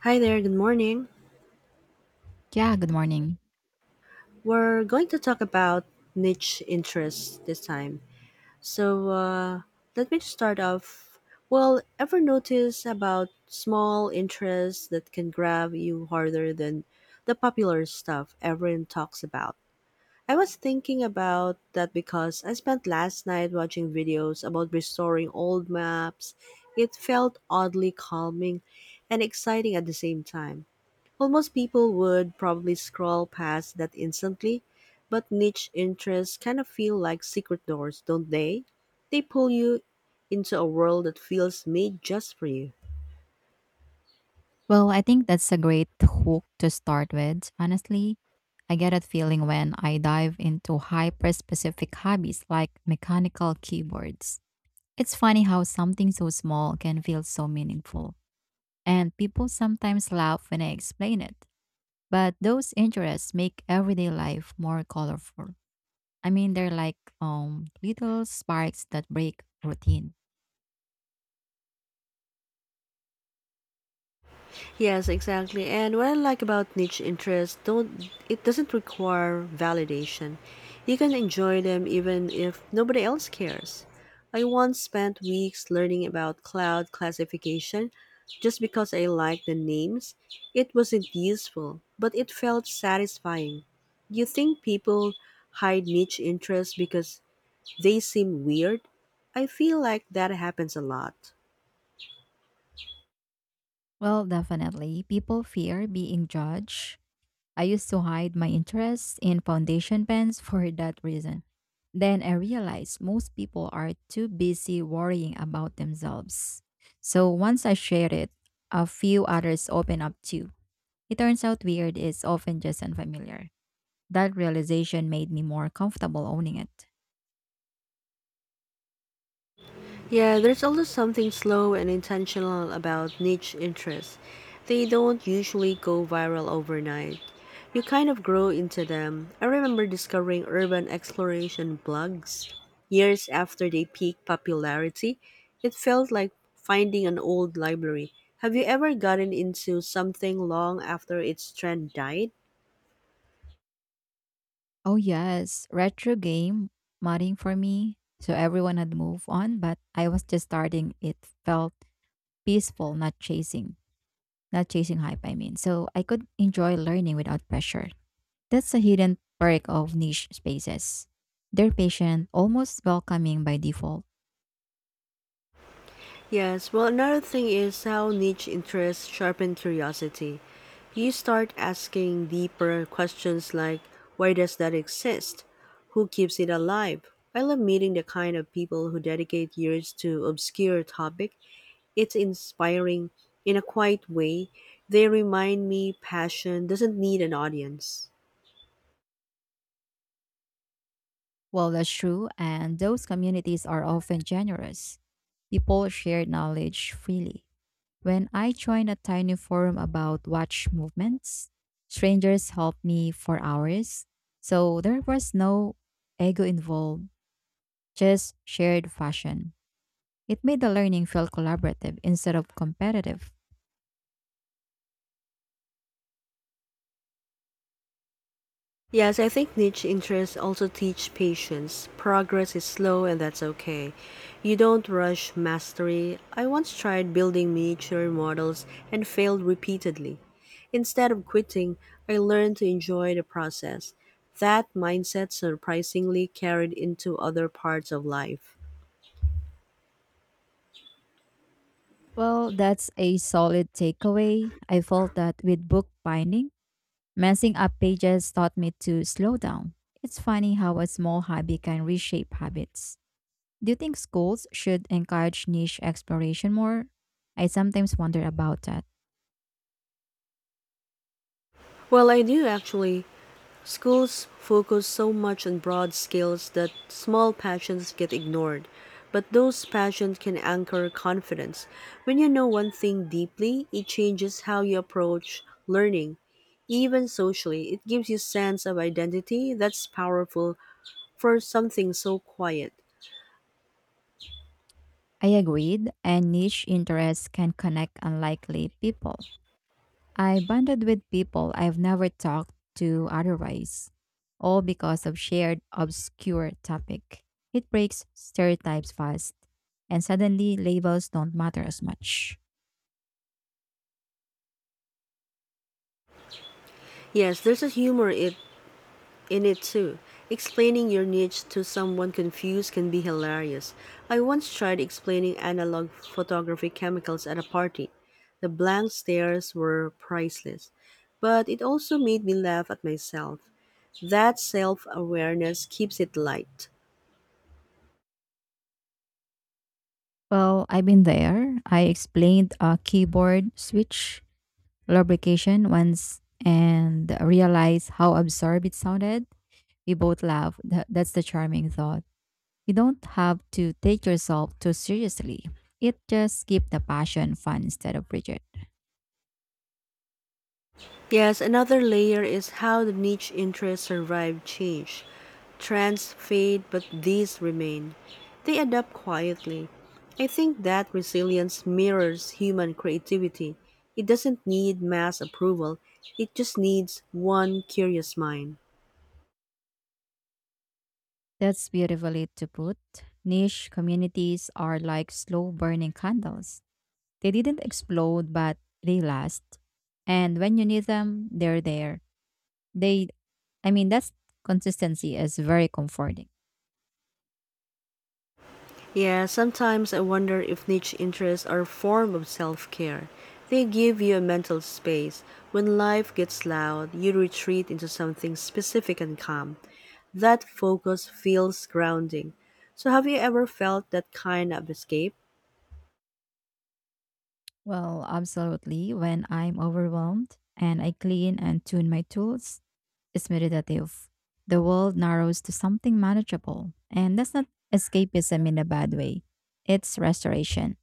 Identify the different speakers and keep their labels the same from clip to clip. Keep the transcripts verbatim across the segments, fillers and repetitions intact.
Speaker 1: Hi there, good morning.
Speaker 2: Yeah, good morning.
Speaker 1: We're going to talk about niche interests this time. So, uh, Let me start off. Well, ever notice about small interests that can grab you harder than the popular stuff everyone talks about? I was thinking about that because I spent last night watching videos about restoring old maps. It felt oddly calming and exciting at the same time. Almost people would probably scroll past that instantly, but niche interests kind of feel like secret doors, don't they? They pull you into a world that feels made just for you.
Speaker 2: Well, I think that's a great hook to start with. Honestly, I get that feeling when I dive into hyper specific hobbies like mechanical keyboards. It's funny how something so small can feel so meaningful. And people sometimes laugh when I explain it. But those interests make everyday life more colorful. I mean, they're like um, little sparks that break routine.
Speaker 1: Yes, exactly. And what I like about niche interests, don't it doesn't require validation. You can enjoy them even if nobody else cares. I once spent weeks learning about cloud classification just because I liked the names. It wasn't useful, but it felt satisfying. Do you think people hide niche interests because they seem weird? I feel like that happens a lot.
Speaker 2: Well, definitely. People fear being judged. I used to hide my interests in foundation pens for that reason. Then I realized most people are too busy worrying about themselves. So once I shared it, a few others opened up too. It turns out weird is often just unfamiliar. That realization made me more comfortable owning it.
Speaker 1: Yeah, there's also something slow and intentional about niche interests. They don't usually go viral overnight. You kind of grow into them. I remember discovering urban exploration blogs years after they peaked popularity. It felt like finding an old library. Have you ever gotten into something long after its trend died?
Speaker 2: Oh, yes, retro game mudding for me. So everyone had moved on, but I was just starting. It felt peaceful, not chasing. not chasing hype, I mean. So I could enjoy learning without pressure. That's a hidden perk of niche spaces. They're patient, almost welcoming by default.
Speaker 1: Yes, well, another thing is how niche interests sharpen curiosity. You start asking deeper questions like why does that exist? Who keeps it alive? I love meeting the kind of people who dedicate years to obscure topic. It's inspiring in a quiet way. They remind me passion doesn't need an audience.
Speaker 2: Well, that's true, and those communities are often generous. People share knowledge freely. When I joined a tiny forum about watch movements, strangers helped me for hours. So there was no ego involved, just shared fashion. It made the learning feel collaborative instead of competitive.
Speaker 1: Yes, I think niche interests also teach patience. Progress is slow, and that's okay. You don't rush mastery. I once tried building miniature models and failed repeatedly. Instead of quitting, I learned to enjoy the process. That mindset surprisingly carried into other parts of life.
Speaker 2: Well, that's a solid takeaway. I felt that with book binding, messing up pages taught me to slow down. It's funny how a small hobby can reshape habits. Do you think schools should encourage niche exploration more? I sometimes wonder about that.
Speaker 1: Well, I do actually. Schools focus so much on broad skills that small passions get ignored, but those passions can anchor confidence. When you know one thing deeply, it changes how you approach learning. Even socially, it gives you sense of identity that's powerful for something so quiet.
Speaker 2: I agreed, and niche interests can connect unlikely people. I bonded with people I've never talked to otherwise, all because of shared obscure topic. It breaks stereotypes fast, and suddenly labels don't matter as much.
Speaker 1: Yes, there's a humor in in it too. Explaining your niche to someone confused can be hilarious. I once tried explaining analog photography chemicals at a party. The blank stares were priceless, but it also made me laugh at myself. That self awareness keeps it light.
Speaker 2: Well, I've been there. I explained a keyboard switch lubrication once and realized how absurd it sounded. We both laughed. Th- That's the charming thought. You don't have to take yourself too seriously. It just keeps the passion fun instead of rigid.
Speaker 1: Yes, another layer is how the niche interests survive change. Trends fade, but these remain. They adapt quietly. I think that resilience mirrors human creativity. It doesn't need mass approval, it just needs one curious mind.
Speaker 2: That's beautifully to put. Niche communities are like slow burning candles. They didn't explode, but they last. And when you need them, they're there. They, I mean, that's consistency is very comforting.
Speaker 1: Yeah, sometimes I wonder if niche interests are a form of self care. They give you a mental space. When life gets loud, you retreat into something specific and calm. That focus feels grounding. So, have you ever felt that kind of escape?
Speaker 2: Well, absolutely. When I'm overwhelmed and I clean and tune my tools, it's meditative. The world narrows to something manageable. And that's not escapism in a bad way, it's restoration.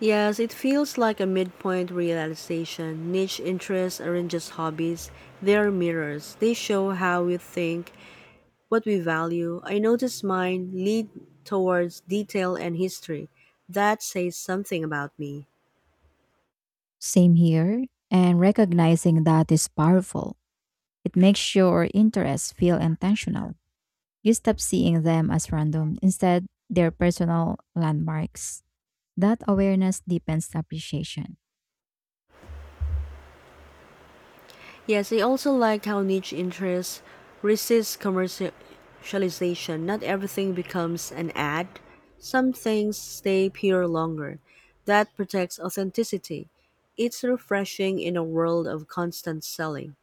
Speaker 1: Yes, it feels like a midpoint realization. Niche interests aren't just hobbies, they're mirrors. They show how we think, what we value. I notice mine lead towards detail and history. That says something about me.
Speaker 2: Same here, and recognizing that is powerful. It makes your interests feel intentional. You stop seeing them as random, instead, they're personal landmarks. That awareness deepens appreciation.
Speaker 1: Yes, I also liked how niche interests resist commercialization. Not everything becomes an ad. Some things stay pure longer. That protects authenticity. It's refreshing in a world of constant selling.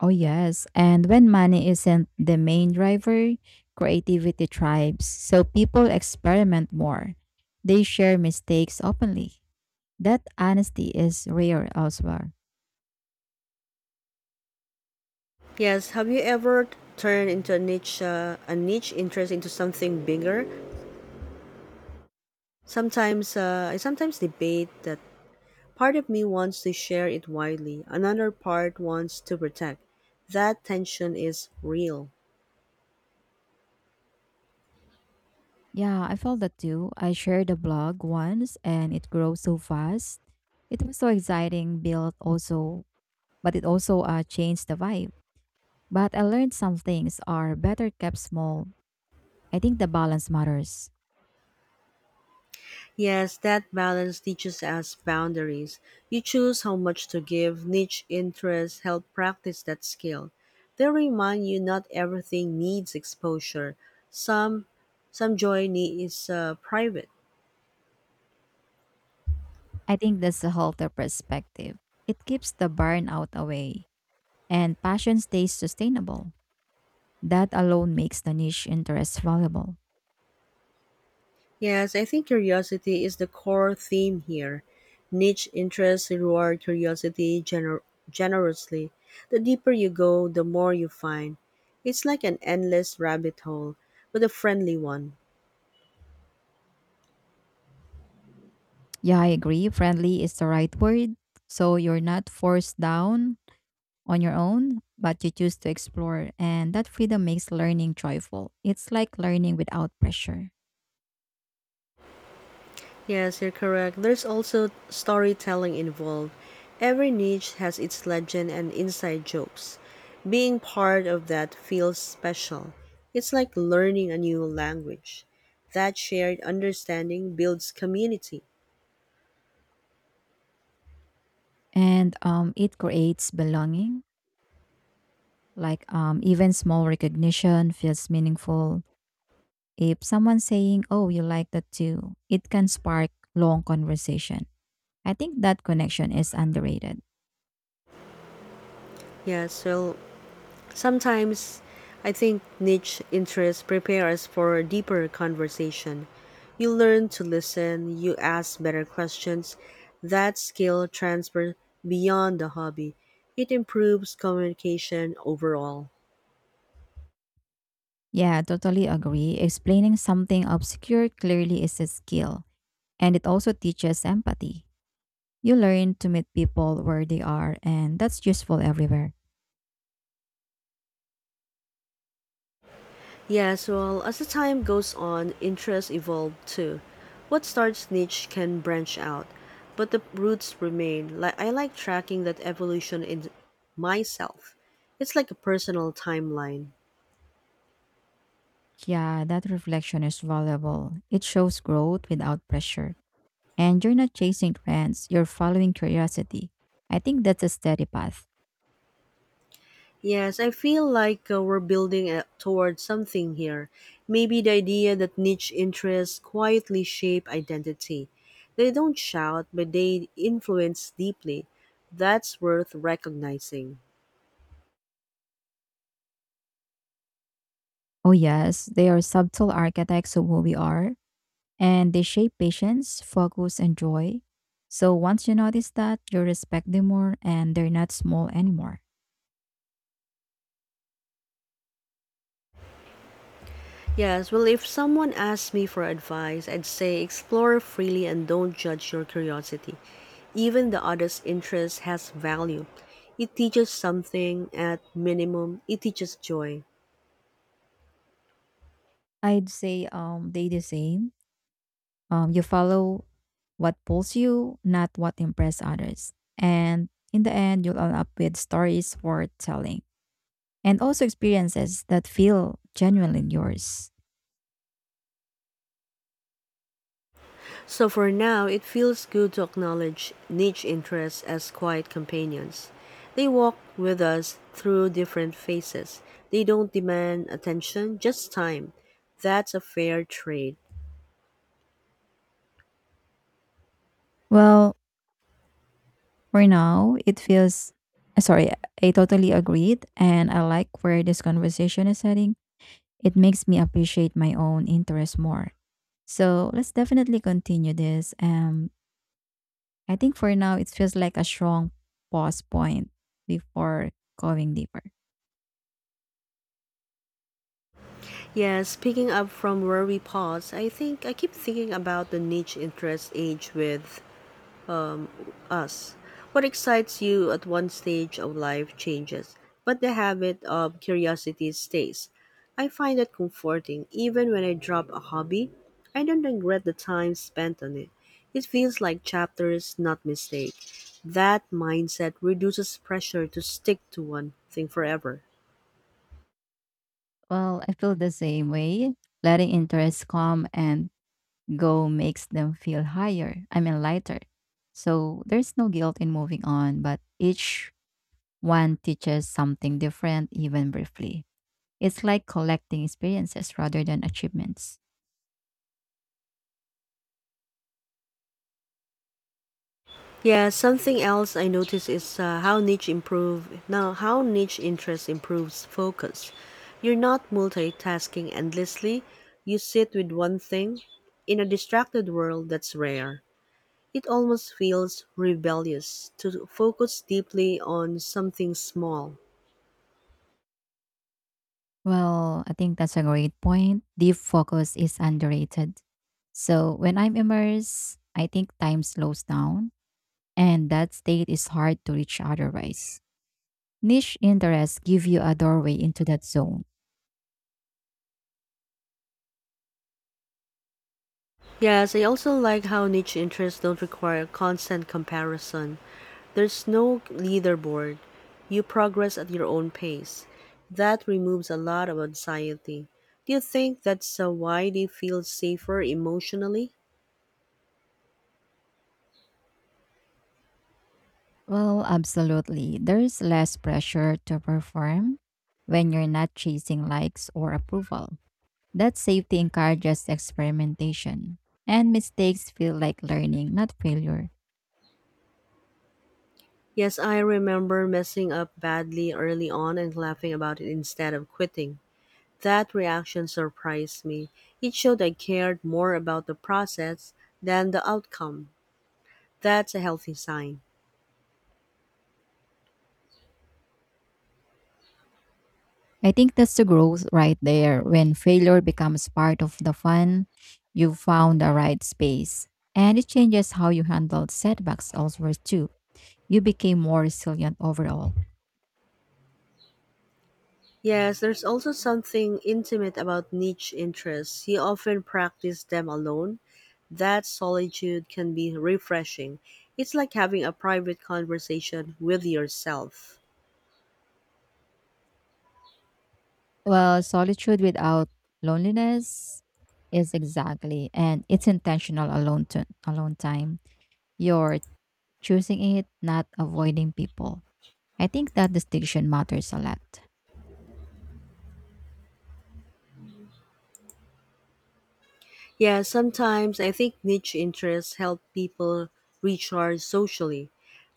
Speaker 2: Oh, yes, and when money isn't the main driver, creativity thrives, so people experiment more. They share mistakes openly. That honesty is rare elsewhere.
Speaker 1: Yes, have you ever turned into a niche uh, a niche interest into something bigger? Sometimes uh, I sometimes debate that part of me wants to share it widely, another part wants to protect. That tension is real.
Speaker 2: Yeah, I felt that too. I shared a blog once and it grew so fast. It was so exciting, built also, but it also uh, changed the vibe. But I learned some things are better kept small. I think the balance matters.
Speaker 1: Yes, that balance teaches us boundaries. You choose how much to give, niche interests help practice that skill. They remind you not everything needs exposure. Some some joy ne- is uh, private.
Speaker 2: I think that's a healthier perspective. It keeps the burnout away and passion stays sustainable. That alone makes the niche interest valuable.
Speaker 1: Yes, I think curiosity is the core theme here. Niche interests reward curiosity gener- generously. The deeper you go, the more you find. It's like an endless rabbit hole, but a friendly one.
Speaker 2: Yeah, I agree. Friendly is the right word. So you're not forced down on your own, but you choose to explore, and that freedom makes learning joyful. It's like learning without pressure,
Speaker 1: Yes, you're correct. There's also storytelling involved. Every niche has its legend and inside jokes. Being part of that feels special. It's like learning a new language. That shared understanding builds community.
Speaker 2: and um, it creates belonging. Like um, even small recognition feels meaningful. If someone saying, "Oh, you like that too," it can spark long conversation. I think that connection is underrated.
Speaker 1: Yes, well, Sometimes I think niche interests prepare us for a deeper conversation. You learn to listen, you ask better questions. That skill transfers beyond the hobby. It improves communication overall.
Speaker 2: Yeah, totally agree. Explaining something obscure clearly is a skill, and it also teaches empathy. You learn to meet people where they are, and that's useful everywhere.
Speaker 1: Yes, well, as the time goes on, interests evolve too. What starts niche can branch out, but the roots remain. Like I like tracking that evolution in myself. It's like a personal timeline.
Speaker 2: Yeah, that reflection is valuable. It shows growth without pressure. And you're not chasing trends, you're following curiosity. I think that's a steady path.
Speaker 1: Yes, I feel like uh, we're building uh, towards something here. Maybe the idea that niche interests quietly shape identity. They don't shout, but they influence deeply. That's worth recognizing.
Speaker 2: Oh, yes, they are subtle architects of who we are, and they shape patience, focus, and joy. So once you notice that, you respect them more, and they're not small anymore.
Speaker 1: Yes, well, if someone asked me for advice, I'd say explore freely and don't judge your curiosity. Even the oddest interest has value. It teaches something, at minimum, it teaches joy.
Speaker 2: I'd say um, they the same. Um, you follow what pulls you, not what impress others. And in the end, you'll end up with stories worth telling and also experiences that feel genuinely yours.
Speaker 1: So for now, it feels good to acknowledge niche interests as quiet companions. They walk with us through different phases. They don't demand attention, just time. That's a fair trade.
Speaker 2: Well, for now, it feels uh, sorry, I totally agreed and I like where this conversation is heading. It makes me appreciate my own interest more. So let's definitely continue this. Um, I think for now, it feels like a strong pause point before going deeper.
Speaker 1: Yes, picking up from where we paused, I think I keep thinking about the niche interest age with us. What excites you at one stage of life changes, but the habit of curiosity stays. I find that comforting even when I drop a hobby. I don't regret the time spent on it. It feels like chapters, not mistake. That mindset reduces pressure to stick to one thing forever.
Speaker 2: Well, I feel the same way. Letting interests come and go makes them feel higher. I mean, lighter. So there's no guilt in moving on, but each one teaches something different, even briefly. It's like collecting experiences rather than achievements.
Speaker 1: Yeah, something else I notice is uh, how niche improve now how niche interest improves focus. You're not multitasking endlessly. You sit with one thing. In a distracted world, that's rare. It almost feels rebellious to focus deeply on something small.
Speaker 2: Well, I think that's a great point. Deep focus is underrated. So when I'm immersed, I think time slows down, and that state is hard to reach otherwise. Niche interests give you a doorway into that zone.
Speaker 1: Yes, I also like how niche interests don't require constant comparison. There's no leaderboard. You progress at your own pace. That removes a lot of anxiety. Do you think that's uh, why they feel safer emotionally?
Speaker 2: Well, absolutely. There's less pressure to perform when you're not chasing likes or approval. That safety encourages experimentation, and mistakes feel like learning, not failure.
Speaker 1: Yes, I remember messing up badly early on and laughing about it instead of quitting. That reaction surprised me. It showed I cared more about the process than the outcome. That's a healthy sign.
Speaker 2: I think that's the growth right there. When failure becomes part of the fun, you've found the right space. And it changes how you handle setbacks elsewhere too. You became more resilient overall.
Speaker 1: Yes, there's also something intimate about niche interests. He often practiced them alone. That solitude can be refreshing. It's like having a private conversation with yourself.
Speaker 2: Well, solitude without loneliness is exactly, and it's intentional alone to, alone time. You're choosing it, not avoiding people. I think that distinction matters a lot.
Speaker 1: Yeah, sometimes I think niche interests help people recharge socially.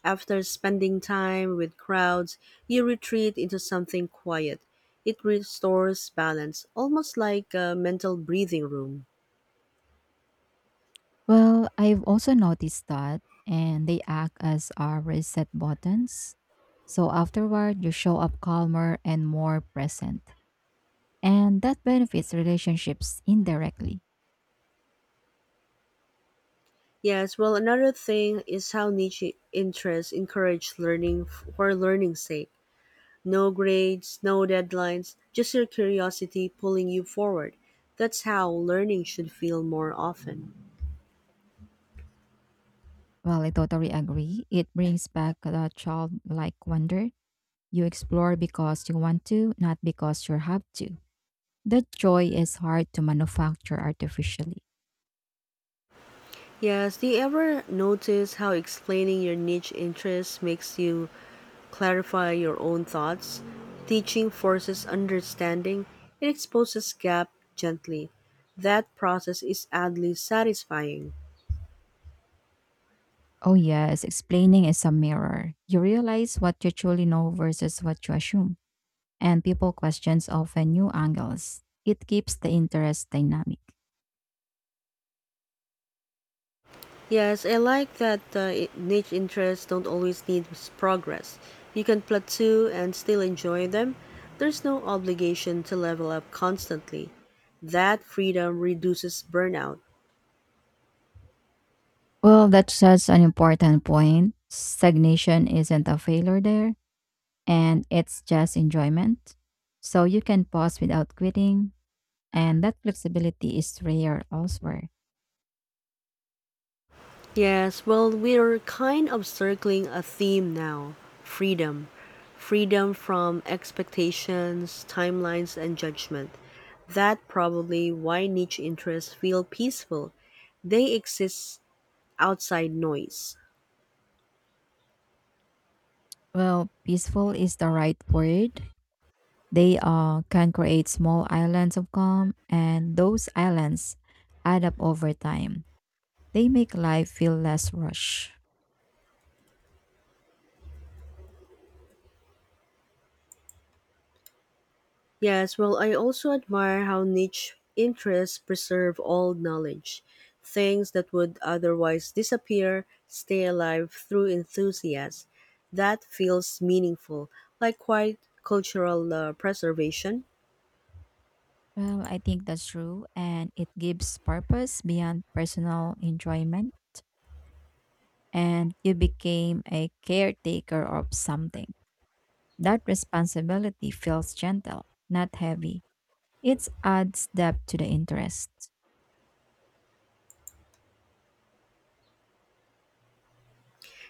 Speaker 1: After spending time with crowds, you retreat into something quiet. It restores balance, almost like a mental breathing room.
Speaker 2: Well, I've also noticed that, and they act as our reset buttons. So afterward, you show up calmer and more present, and that benefits relationships indirectly.
Speaker 1: Yes, well, another thing is how niche interests encourage learning f- for learning's sake. No grades, no deadlines, just your curiosity pulling you forward. That's how learning should feel more often.
Speaker 2: Well, I totally agree. It brings back the childlike wonder. You explore because you want to, not because you have to. That joy is hard to manufacture artificially.
Speaker 1: Yes, do you ever notice how explaining your niche interests makes you clarify your own thoughts? Teaching forces understanding, it exposes gap gently. That process is oddly satisfying.
Speaker 2: Oh, yes, explaining is a mirror. You realize what you truly know versus what you assume, and people questions often new angles. It keeps the interest dynamic.
Speaker 1: Yes, I like that uh, i- niche interests don't always need s- progress. You can plateau and still enjoy them. There's no obligation to level up constantly. That freedom reduces burnout.
Speaker 2: Well, that's such an important point. Stagnation isn't a failure there, and it's just enjoyment. So you can pause without quitting, and that flexibility is rare elsewhere.
Speaker 1: Yes, well, we're kind of circling a theme now freedom. Freedom from expectations, timelines, and judgment. That probably why niche interests feel peaceful. They exist outside noise.
Speaker 2: Well, peaceful is the right word. They uh, can create small islands of calm, and those islands add up over time. They make life feel less rush.
Speaker 1: Yes, well, I also admire how niche interests preserve old knowledge. Things that would otherwise disappear stay alive through enthusiasm. That feels meaningful, like quite cultural uh, preservation.
Speaker 2: Well, I think that's true, and it gives purpose beyond personal enjoyment. And you became a caretaker of something. That responsibility feels gentle, not heavy. It adds depth to the interest.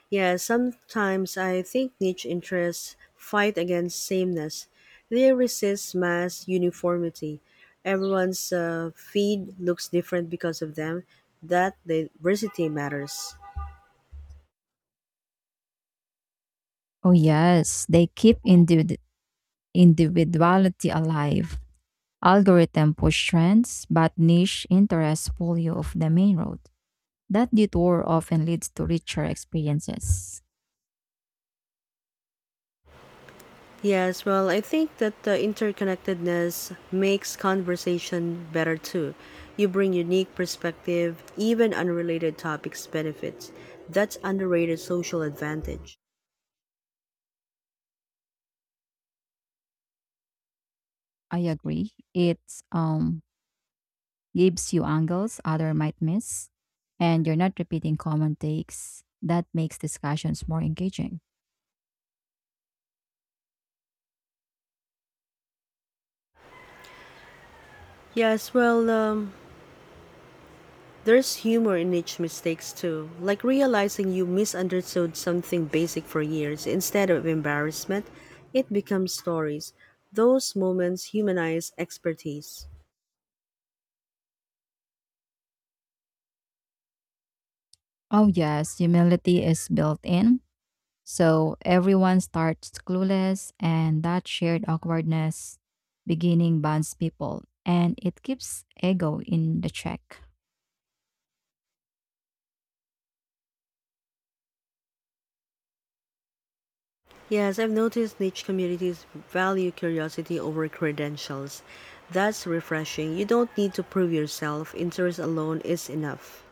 Speaker 1: Yeah, sometimes I think niche interests fight against sameness. They resist mass uniformity. Everyone's uh, feed looks different because of them. That diversity matters.
Speaker 2: Oh, yes, they keep individ- individuality alive. Algorithm push trends, but niche interests pull you off the main road. That detour often leads to richer experiences.
Speaker 1: Yes, well, I think that the interconnectedness makes conversation better too. You bring unique perspective, even unrelated topics benefits. That's underrated social advantage.
Speaker 2: I agree. It um, gives you angles other might miss, and you're not repeating common takes. That makes discussions more engaging.
Speaker 1: Yes, well, um, there's humor in each mistakes too, like realizing you misunderstood something basic for years. Instead of embarrassment, it becomes stories. Those moments humanize expertise.
Speaker 2: Oh, yes, humility is built in. So everyone starts clueless, and that shared awkwardness beginning bonds people and it keeps ego in the check.
Speaker 1: Yes, I've noticed niche communities value curiosity over credentials. That's refreshing. You don't need to prove yourself. Interest alone is enough.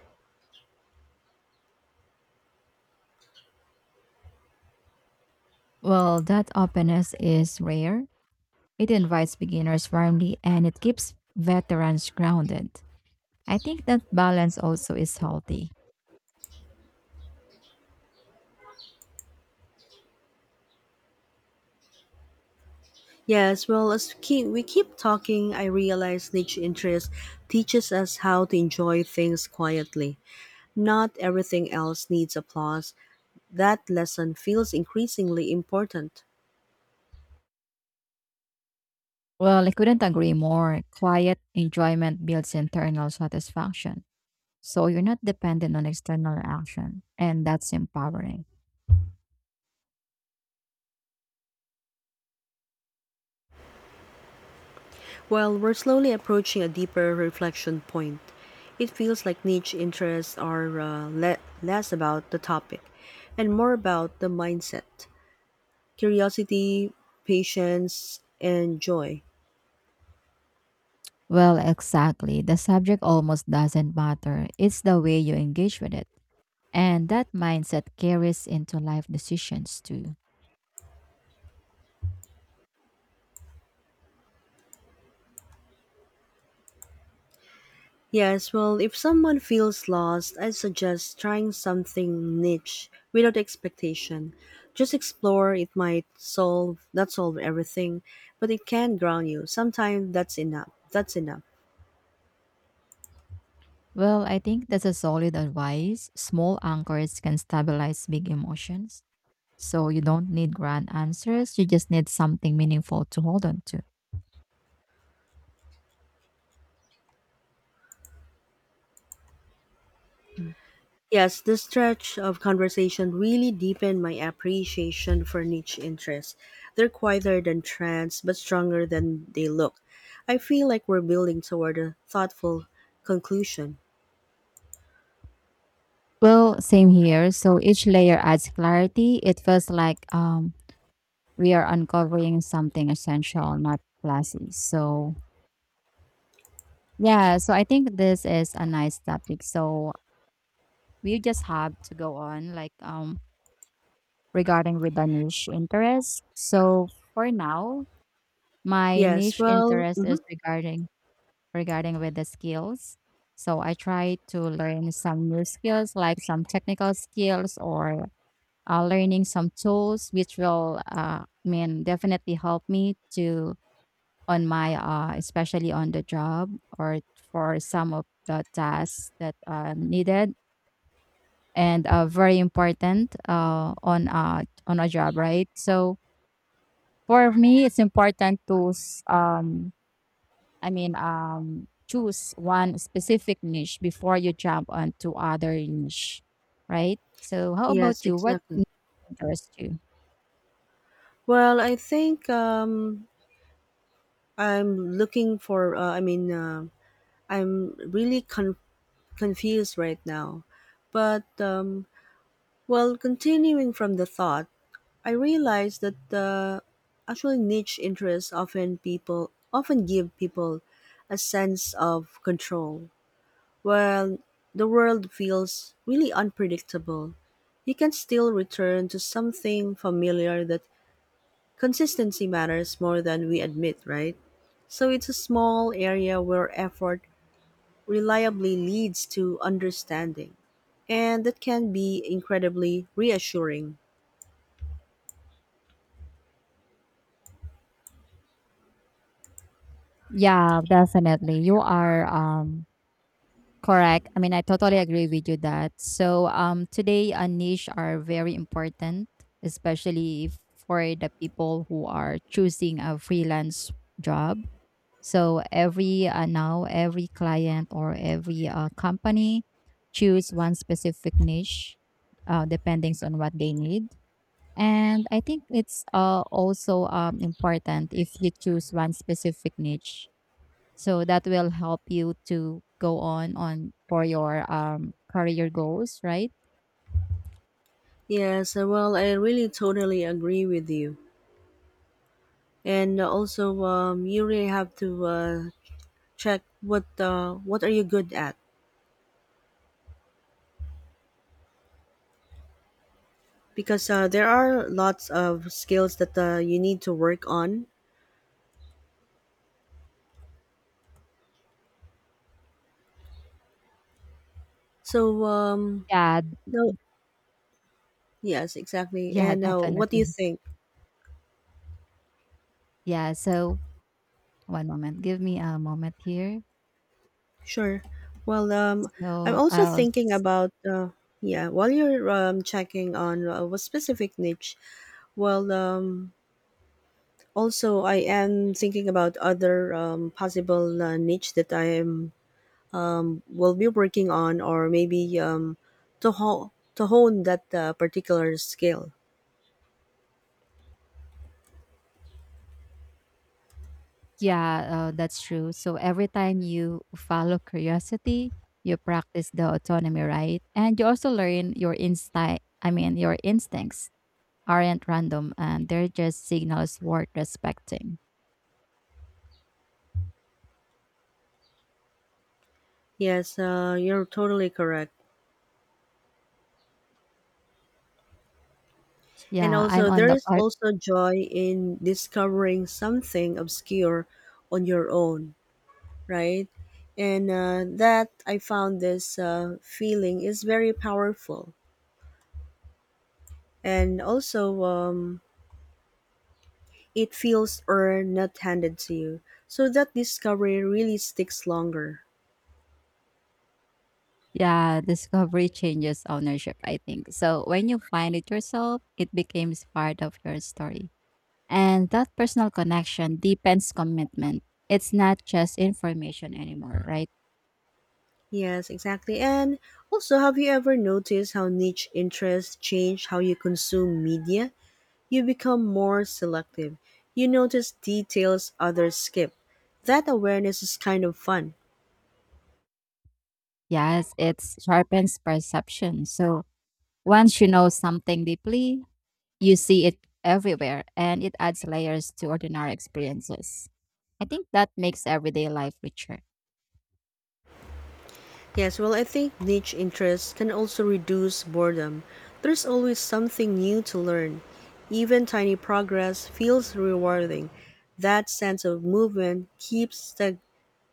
Speaker 2: Well, that openness is rare. It invites beginners firmly and it keeps veterans grounded. I think that balance also is healthy.
Speaker 1: Yes, well, as keep, we keep talking, I realize niche interest teaches us how to enjoy things quietly. Not everything else needs applause. That lesson feels increasingly important.
Speaker 2: Well, I couldn't agree more. Quiet enjoyment builds internal satisfaction. So you're not dependent on external action, and that's empowering.
Speaker 1: Well, we're slowly approaching a deeper reflection point. It feels like niche interests are uh, le- less about the topic and more about the mindset, curiosity, patience, and joy.
Speaker 2: Well, exactly. The subject almost doesn't matter. It's the way you engage with it. And that mindset carries into life decisions too.
Speaker 1: Yes, well, if someone feels lost, I suggest trying something niche without expectation. Just explore, it might solve, not solve everything, but it can ground you. Sometimes that's enough. That's enough.
Speaker 2: Well, I think that's a solid advice. Small anchors can stabilize big emotions. So you don't need grand answers, you just need something meaningful to hold on to. Mm.
Speaker 1: Yes, this stretch of conversation really deepened my appreciation for niche interests. They're quieter than trends, but stronger than they look. I feel like we're building toward a thoughtful conclusion.
Speaker 2: Well, same here. So each layer adds clarity. It feels like um, we are uncovering something essential, not flashy. So yeah, so I think this is a nice topic. So we just have to go on like um regarding with the niche interest. So for now, my
Speaker 1: Yes,
Speaker 2: niche
Speaker 1: well,
Speaker 2: interest is
Speaker 1: mhm,
Speaker 2: regarding regarding with the skills. So I try to learn some new skills like some technical skills or uh, learning some tools which will uh I mean definitely help me to on my uh especially on the job or for some of the tasks that are needed and uh, very important uh on uh on a job, right? So for me it's important to s- um I mean um choose one specific niche before you jump onto other niche, right? So how
Speaker 1: yes,
Speaker 2: about you, what
Speaker 1: exactly.
Speaker 2: niche interests you?
Speaker 1: Well, I think um, I'm looking for, uh, I mean, uh, I'm really con- confused right now. But, um, well, continuing from the thought, I realized that the actually niche interests often people often give people a sense of control. While the world feels really unpredictable, you can still return to something familiar that consistency matters more than we admit, right? So it's a small area where effort reliably leads to understanding, and that can be incredibly reassuring.
Speaker 2: Yeah, definitely you are um correct. I mean, I totally agree with you that. So, um, today, a niche are very important, especially for the people who are choosing a freelance job. So, every uh, now, every client or every uh, company choose one specific niche, uh, depending on what they need. And I think it's uh, also um, important if you choose one specific niche so that will help you to go on on for your um career goals, right?
Speaker 1: Yes, uh, well, I really totally agree with you. And uh, also, um, you really have to uh, check what uh, what are you good at, because uh, there are lots of skills that uh, you need to work on. So, um,
Speaker 2: Yeah,
Speaker 1: no, Yes, exactly.
Speaker 2: yeah,
Speaker 1: And uh, what do you
Speaker 2: definitely.
Speaker 1: think?
Speaker 2: Yeah, so one moment. Give me a moment here.
Speaker 1: Sure. Well, um, I'm
Speaker 2: So
Speaker 1: also
Speaker 2: I'll
Speaker 1: thinking
Speaker 2: s-
Speaker 1: about uh, yeah. While you're um, checking on uh, what specific niche, well, um, Also, I am thinking about other um, possible uh, niche that I am will be working on, or maybe um, to hone to hone that uh, particular skill.
Speaker 2: yeah, uh, that's true. So every time you follow curiosity, you practice the autonomy, right? And you also learn your instinct. I mean, your instincts aren't random, and they're just signals worth respecting.
Speaker 1: Yes, uh, you're totally correct. And
Speaker 2: Yeah, I'm
Speaker 1: also,
Speaker 2: on
Speaker 1: there
Speaker 2: the
Speaker 1: is
Speaker 2: part.
Speaker 1: also joy in discovering something obscure on your own, right? And uh, that I found this uh, feeling is very powerful. And also, um, it feels earned, not handed to you. So that discovery really sticks longer.
Speaker 2: Yeah, discovery changes ownership, I think. So when you find it yourself, it becomes part of your story. And that personal connection deepens commitment. It's not just information anymore, right?
Speaker 1: Yes, exactly. And also, have you ever noticed how niche interests change how you consume media? You become more selective. You notice details others skip. That awareness is kind of fun.
Speaker 2: Yes, it sharpens perception. So once you know something deeply, you see it everywhere and it adds layers to ordinary experiences. I think that makes everyday life richer.
Speaker 1: Yes, well, I think niche interests can also reduce boredom. There's always something new to learn. Even tiny progress feels rewarding. That sense of movement keeps stag-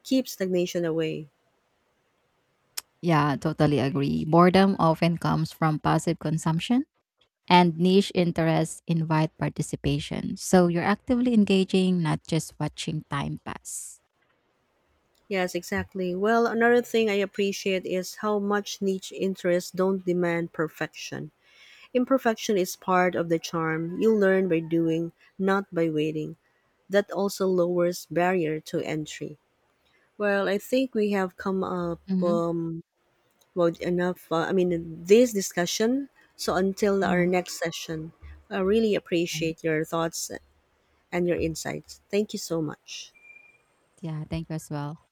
Speaker 1: keeps stagnation away.
Speaker 2: Yeah, totally agree. Boredom often comes from passive consumption and niche interests invite participation. So you're actively engaging, not just watching time pass.
Speaker 1: Yes, exactly. Well, another thing I appreciate is how much niche interests don't demand perfection. Imperfection is part of the charm. You learn by doing, not by waiting. That also lowers barrier to entry. Well, I think we have come up
Speaker 2: Mhm.
Speaker 1: um, well enough. Uh, I mean, this discussion. So until our
Speaker 2: Mhm.
Speaker 1: next session, I really appreciate your thoughts and your insights. Thank you so much.
Speaker 2: Yeah, thank you as well.